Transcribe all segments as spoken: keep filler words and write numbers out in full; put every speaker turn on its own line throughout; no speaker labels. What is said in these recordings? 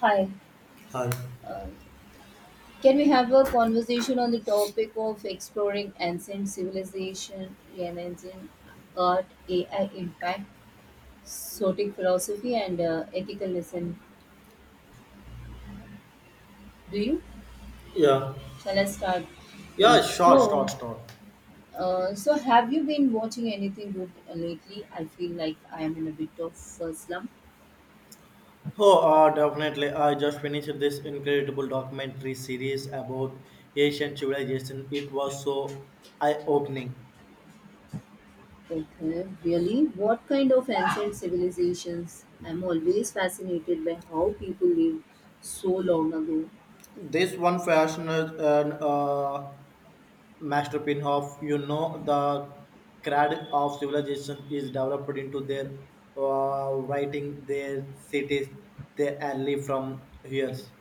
Hi.
Hi.
Uh, can we have a conversation on the topic of exploring ancient civilization, Renaissance art, A I impact, Stoic philosophy, and uh, ethical lesson? Do you?
Yeah.
Shall I start? Yeah.
Yeah, sure, sure,
So,
sure.
uh, so have you been watching anything good lately? I feel like I am in a bit of a slump.
Oh, uh, definitely. I just finished this incredible documentary series about Asian civilization. It was so eye-opening.
Okay, really? What kind of ancient civilizations? I'm always fascinated by how people lived so long ago.
This one fashioned an uh, masterpiece of, you know, the cradle of civilization is developed into their uh, writing, their cities, their alley from years.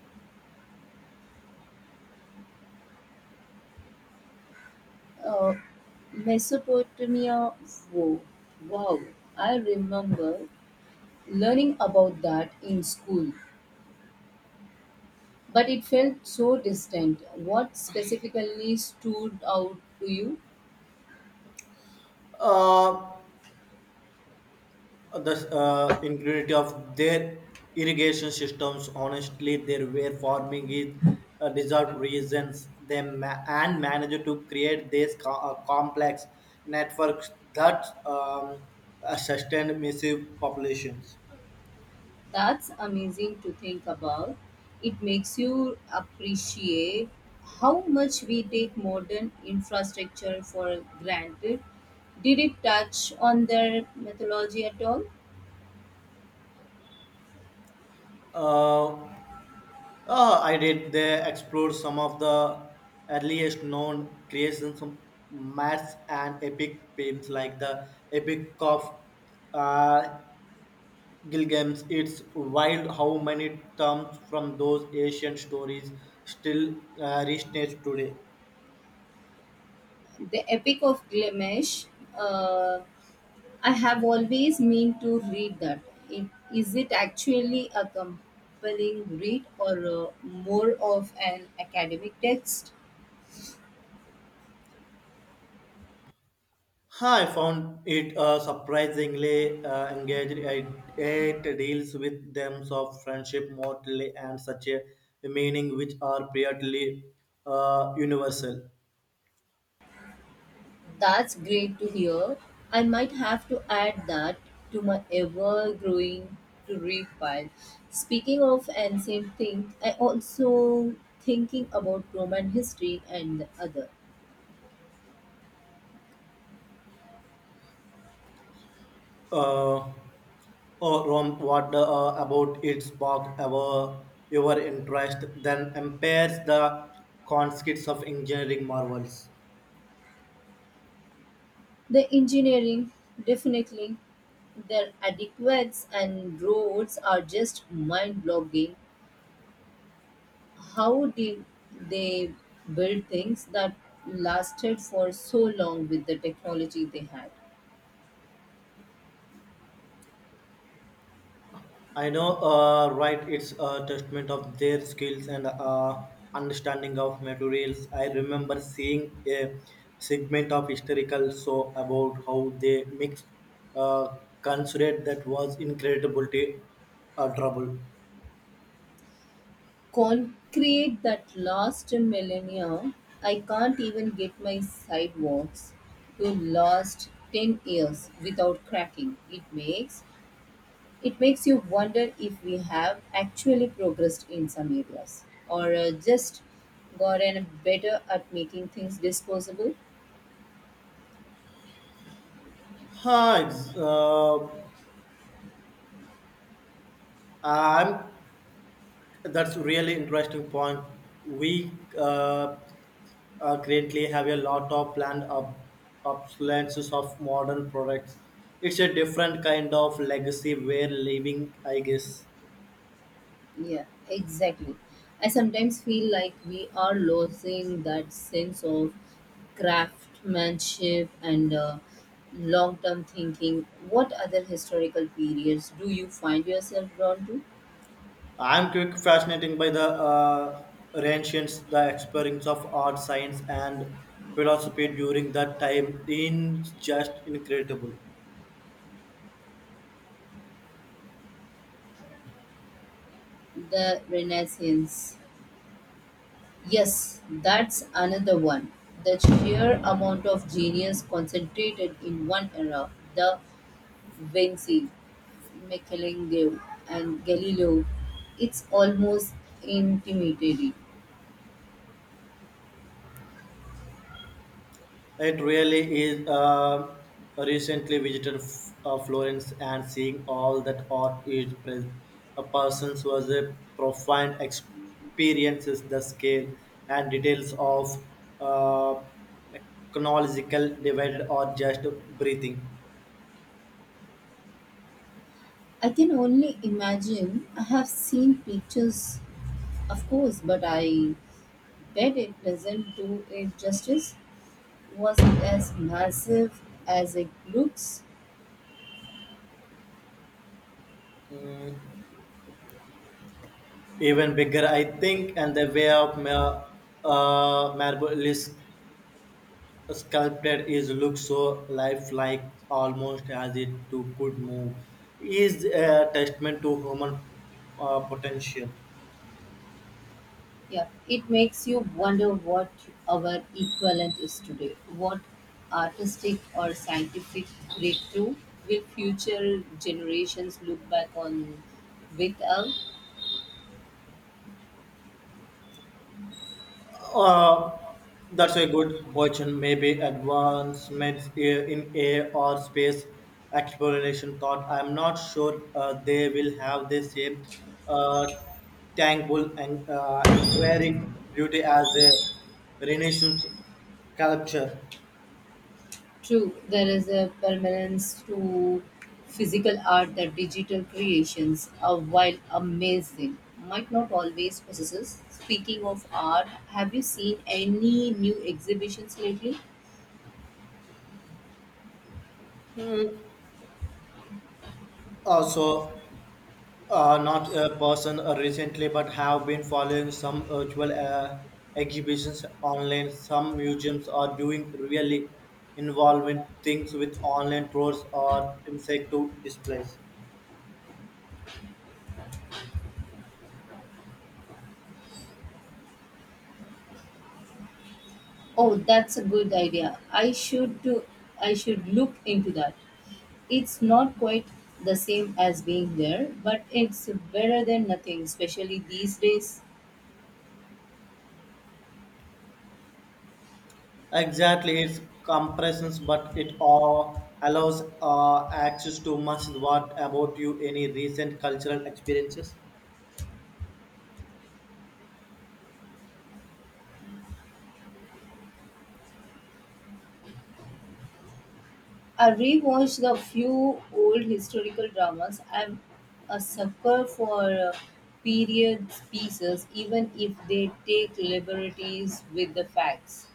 Uh, Mesopotamia. Wow. Wow. I remember learning about that in school, but it felt so distant. What specifically stood out to you?
Uh, the uh, ingredient of their irrigation systems. Honestly, they were farming is uh, deserved reasons they ma- and managed to create these co- uh, complex networks that um, uh, sustain massive populations.
That's amazing to think about. It makes you appreciate how much we take modern infrastructure for granted. Did it touch on their mythology at all?
Uh, uh, I did. They explored some of the earliest known creations of maths and epic poems like the Epic of uh, Gilgamesh. It's wild how many terms from those ancient stories still uh, resonate today.
The Epic of Gilgamesh, uh, I have always meant to read that. It, is it actually a compelling read or uh, more of an academic text?
Huh, I found it uh, surprisingly uh, engaged. It, it deals with themes of friendship, mortality, and such a meaning which are pretty uh, universal.
That's great to hear. I might have to add that to my ever growing to read pile. Speaking of ancient thing, I also thinking about Roman history and the other.
Uh, or Rom, what uh, about its spark our your interest then impairs the concepts of engineering marvels.
The engineering, definitely their adequates and roads are just mind-blogging. How did they build things that lasted for so long with the technology they had?
I know, uh, right? It's a testament of their skills and uh, understanding of materials. I remember seeing a segment of historical show about how they mixed uh, considered that was incredible to uh, trouble.
Concrete that last a millennium, I can't even get my sidewalks to last ten years without cracking. It makes it makes you wonder if we have actually progressed in some areas or uh, just gotten better at making things disposable.
Hi, it's, uh, I'm. That's really interesting point. We uh, uh, currently have a lot of planned up obsolescence of modern products. It's a different kind of legacy we're leaving, I guess.
Yeah, exactly. I sometimes feel like we are losing that sense of craftsmanship and uh, long term thinking. What other historical periods do you find yourself drawn to?
I'm quick fascinated by the uh, ancients, the experience of art, science, and philosophy during that time. In just incredible.
The Renaissance. Yes, that's another one. The sheer amount of genius concentrated in one era, the Vinci, Michelangelo, and Galileo, it's almost intimidating.
It really is. Uh, recently visited F- uh, Florence and seeing all that art is present. A person's was a profound experiences the scale and details of uh, technological divided or just breathing.
I can only imagine. I have seen pictures, of course, but I bet it doesn't do it justice. Was it as massive as it looks?
Mm, even bigger, I think, and the way of ma- uh, marble is sculpted is looks so lifelike almost as it too could move is a testament to human uh, potential.
Yeah, it makes you wonder what our equivalent is today. What artistic or scientific breakthrough will future generations look back on with awe?
uh, that's a good question, maybe advancements i- in a or space exploration thought I'm not sure uh, they will have the same uh, tangible and uh, enduring beauty as a renaissance sculpture
True, there is a permanence to physical art that digital creations, uh, while amazing, might not always possess. Speaking of art, have you seen any new exhibitions lately?
also. Uh, not a person uh, recently, but have been following some virtual uh, exhibitions online. Some museums are doing really involving things with online tours or interactive displays.
Oh, that's a good idea. I should do, I should look into that. It's not quite the same as being there, but it's better than nothing, especially these days.
Exactly, it's compressions, but it all allows uh, access to much. What about you? Any recent cultural experiences?
I rewatched the few old historical dramas. I'm a sucker for uh, period pieces, even if they take liberties with the facts.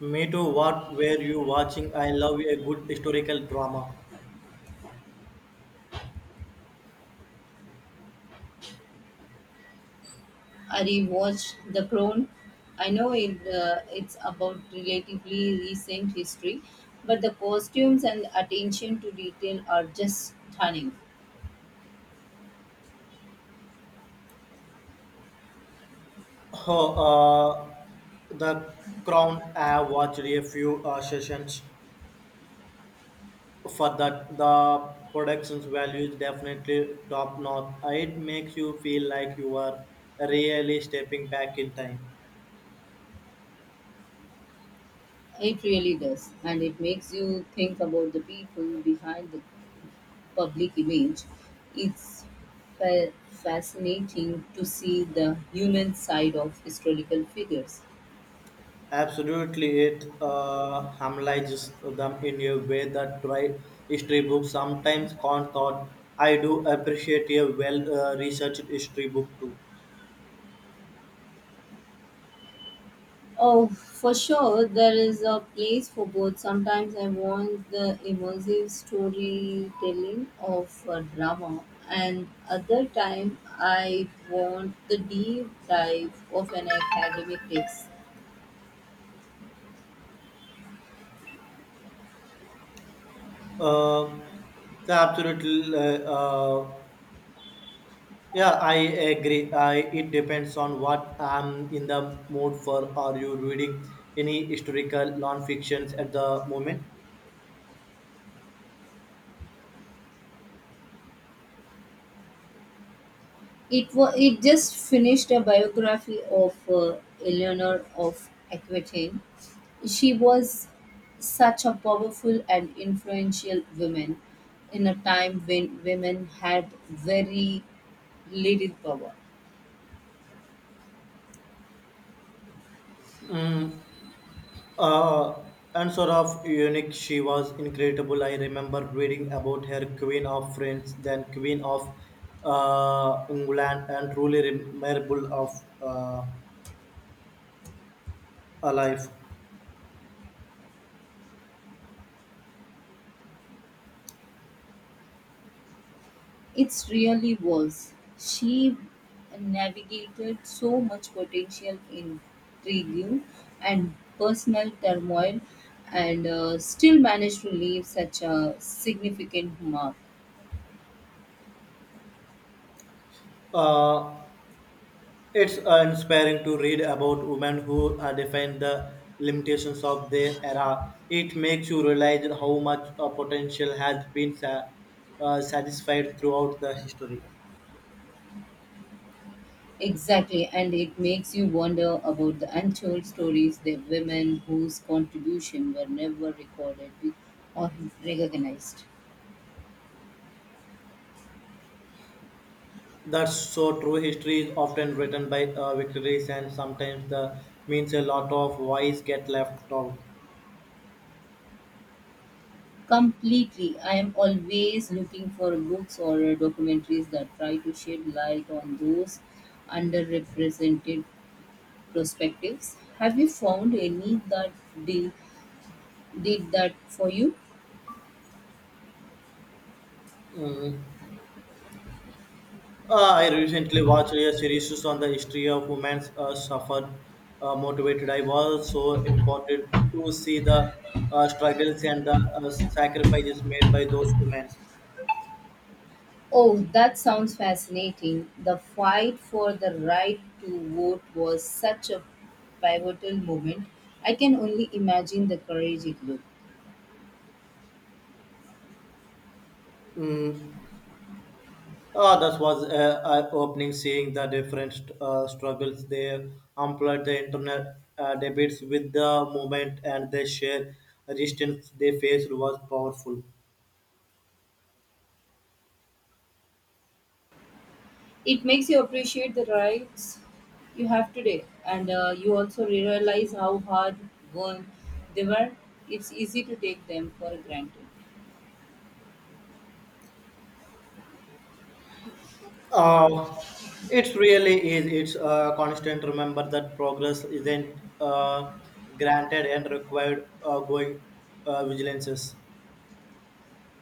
Me too. What were you watching? I love a good historical drama.
I rewatched The Crown. I know it, uh, it's about relatively recent history, but the costumes and attention to detail are just stunning.
Oh, uh, the Crown. I watched a few uh, sessions for that. The production's value is definitely top notch. It makes you feel like you are really stepping back in time.
It really does, and it makes you think about the people behind the public image, it's fa- fascinating to see the human side of historical figures.
Absolutely, it uh, harmonizes them in a way that dry history books sometimes can't. Thought I do appreciate a well-researched history book too.
Oh, for sure, there is a place for both. Sometimes I want the immersive storytelling of a drama, and other time I want the deep dive of an academic text.
Uh, the absolute uh, uh, yeah, I agree. I, it depends on what I'm in the mood for. Are you reading any historical non-fictions at the moment?
It wa it just finished a biography of uh, Eleanor of Aquitaine. She was such a powerful and influential woman in a time when women had very little power.
Mm, uh, and sort of unique, she was incredible. I remember reading about her Queen of France, then Queen of uh, England, and truly remarkable of uh, alive.
It really was. She navigated so much potential intrigue and personal turmoil and uh, still managed to leave such a significant mark.
Uh, It's uh, inspiring to read about women who uh, define the limitations of their era. It makes you realize how much uh, potential has been sa- uh, satisfied throughout the history.
Exactly, and it makes you wonder about the untold stories the women whose contribution were never recorded or recognized.
That's so true. History is often written by uh, victories, and sometimes the means a lot of voice get left out.
Completely, I am always looking for books or documentaries that try to shed light on those underrepresented perspectives. Have you found any that did, did that for you?
Mm. Uh, I recently watched a series on the history of women's uh, suffer uh, motivated. I was so important to see the uh, struggles and the uh, sacrifices made by those women.
Oh, that sounds fascinating. The fight for the right to vote was such a pivotal moment. I can only imagine the courage it took.
Mm. Uh, that was uh, eye-opening seeing the different uh, struggles they employed the internet uh, debates with the movement and the sheer resistance they faced was powerful.
It makes you appreciate the rights you have today, and uh, you also realize how hard won they were. It's easy to take them for granted.
Uh, it really is. It's uh, constant. Remember that progress isn't uh, granted and required uh, going uh, vigilances.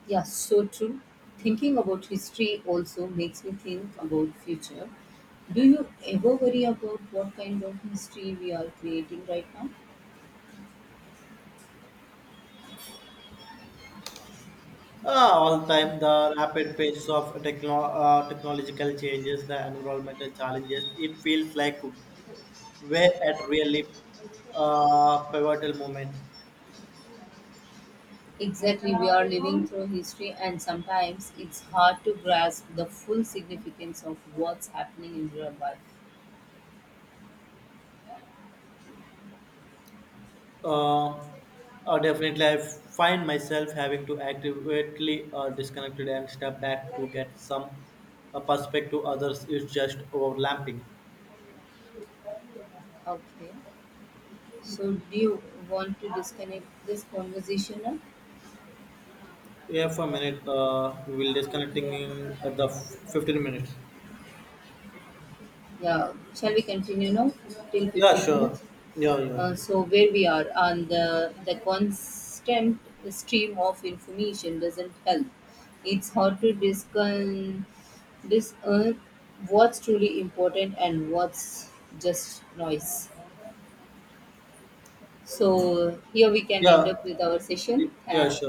Yeah, so true. Thinking about history also makes me think about future. Do you ever worry about what kind of history we are creating right now?
Uh, all time, the rapid pace of techno- uh, technological changes, the environmental challenges, it feels like we're at really uh, pivotal moment.
Exactly, we are living through history, and sometimes it's hard to grasp the full significance of what's happening in real life.
Uh, uh, Definitely, I find myself having to actively uh, disconnected and step back to get some uh, perspective. Others is just overlapping.
Okay, so do you want to disconnect this conversation now?
Yeah, for a minute, uh, we'll disconnecting in at the f- fifteen minutes.
Yeah, shall we continue now till
Yeah,
fifteen
sure.
minutes?
Yeah, yeah,
Uh, so where we are and the the constant stream of information doesn't help. It's hard to discern discern what's truly important and what's just noise. So here we can end
yeah,
up with our session.
yeah,
Tha-
sure.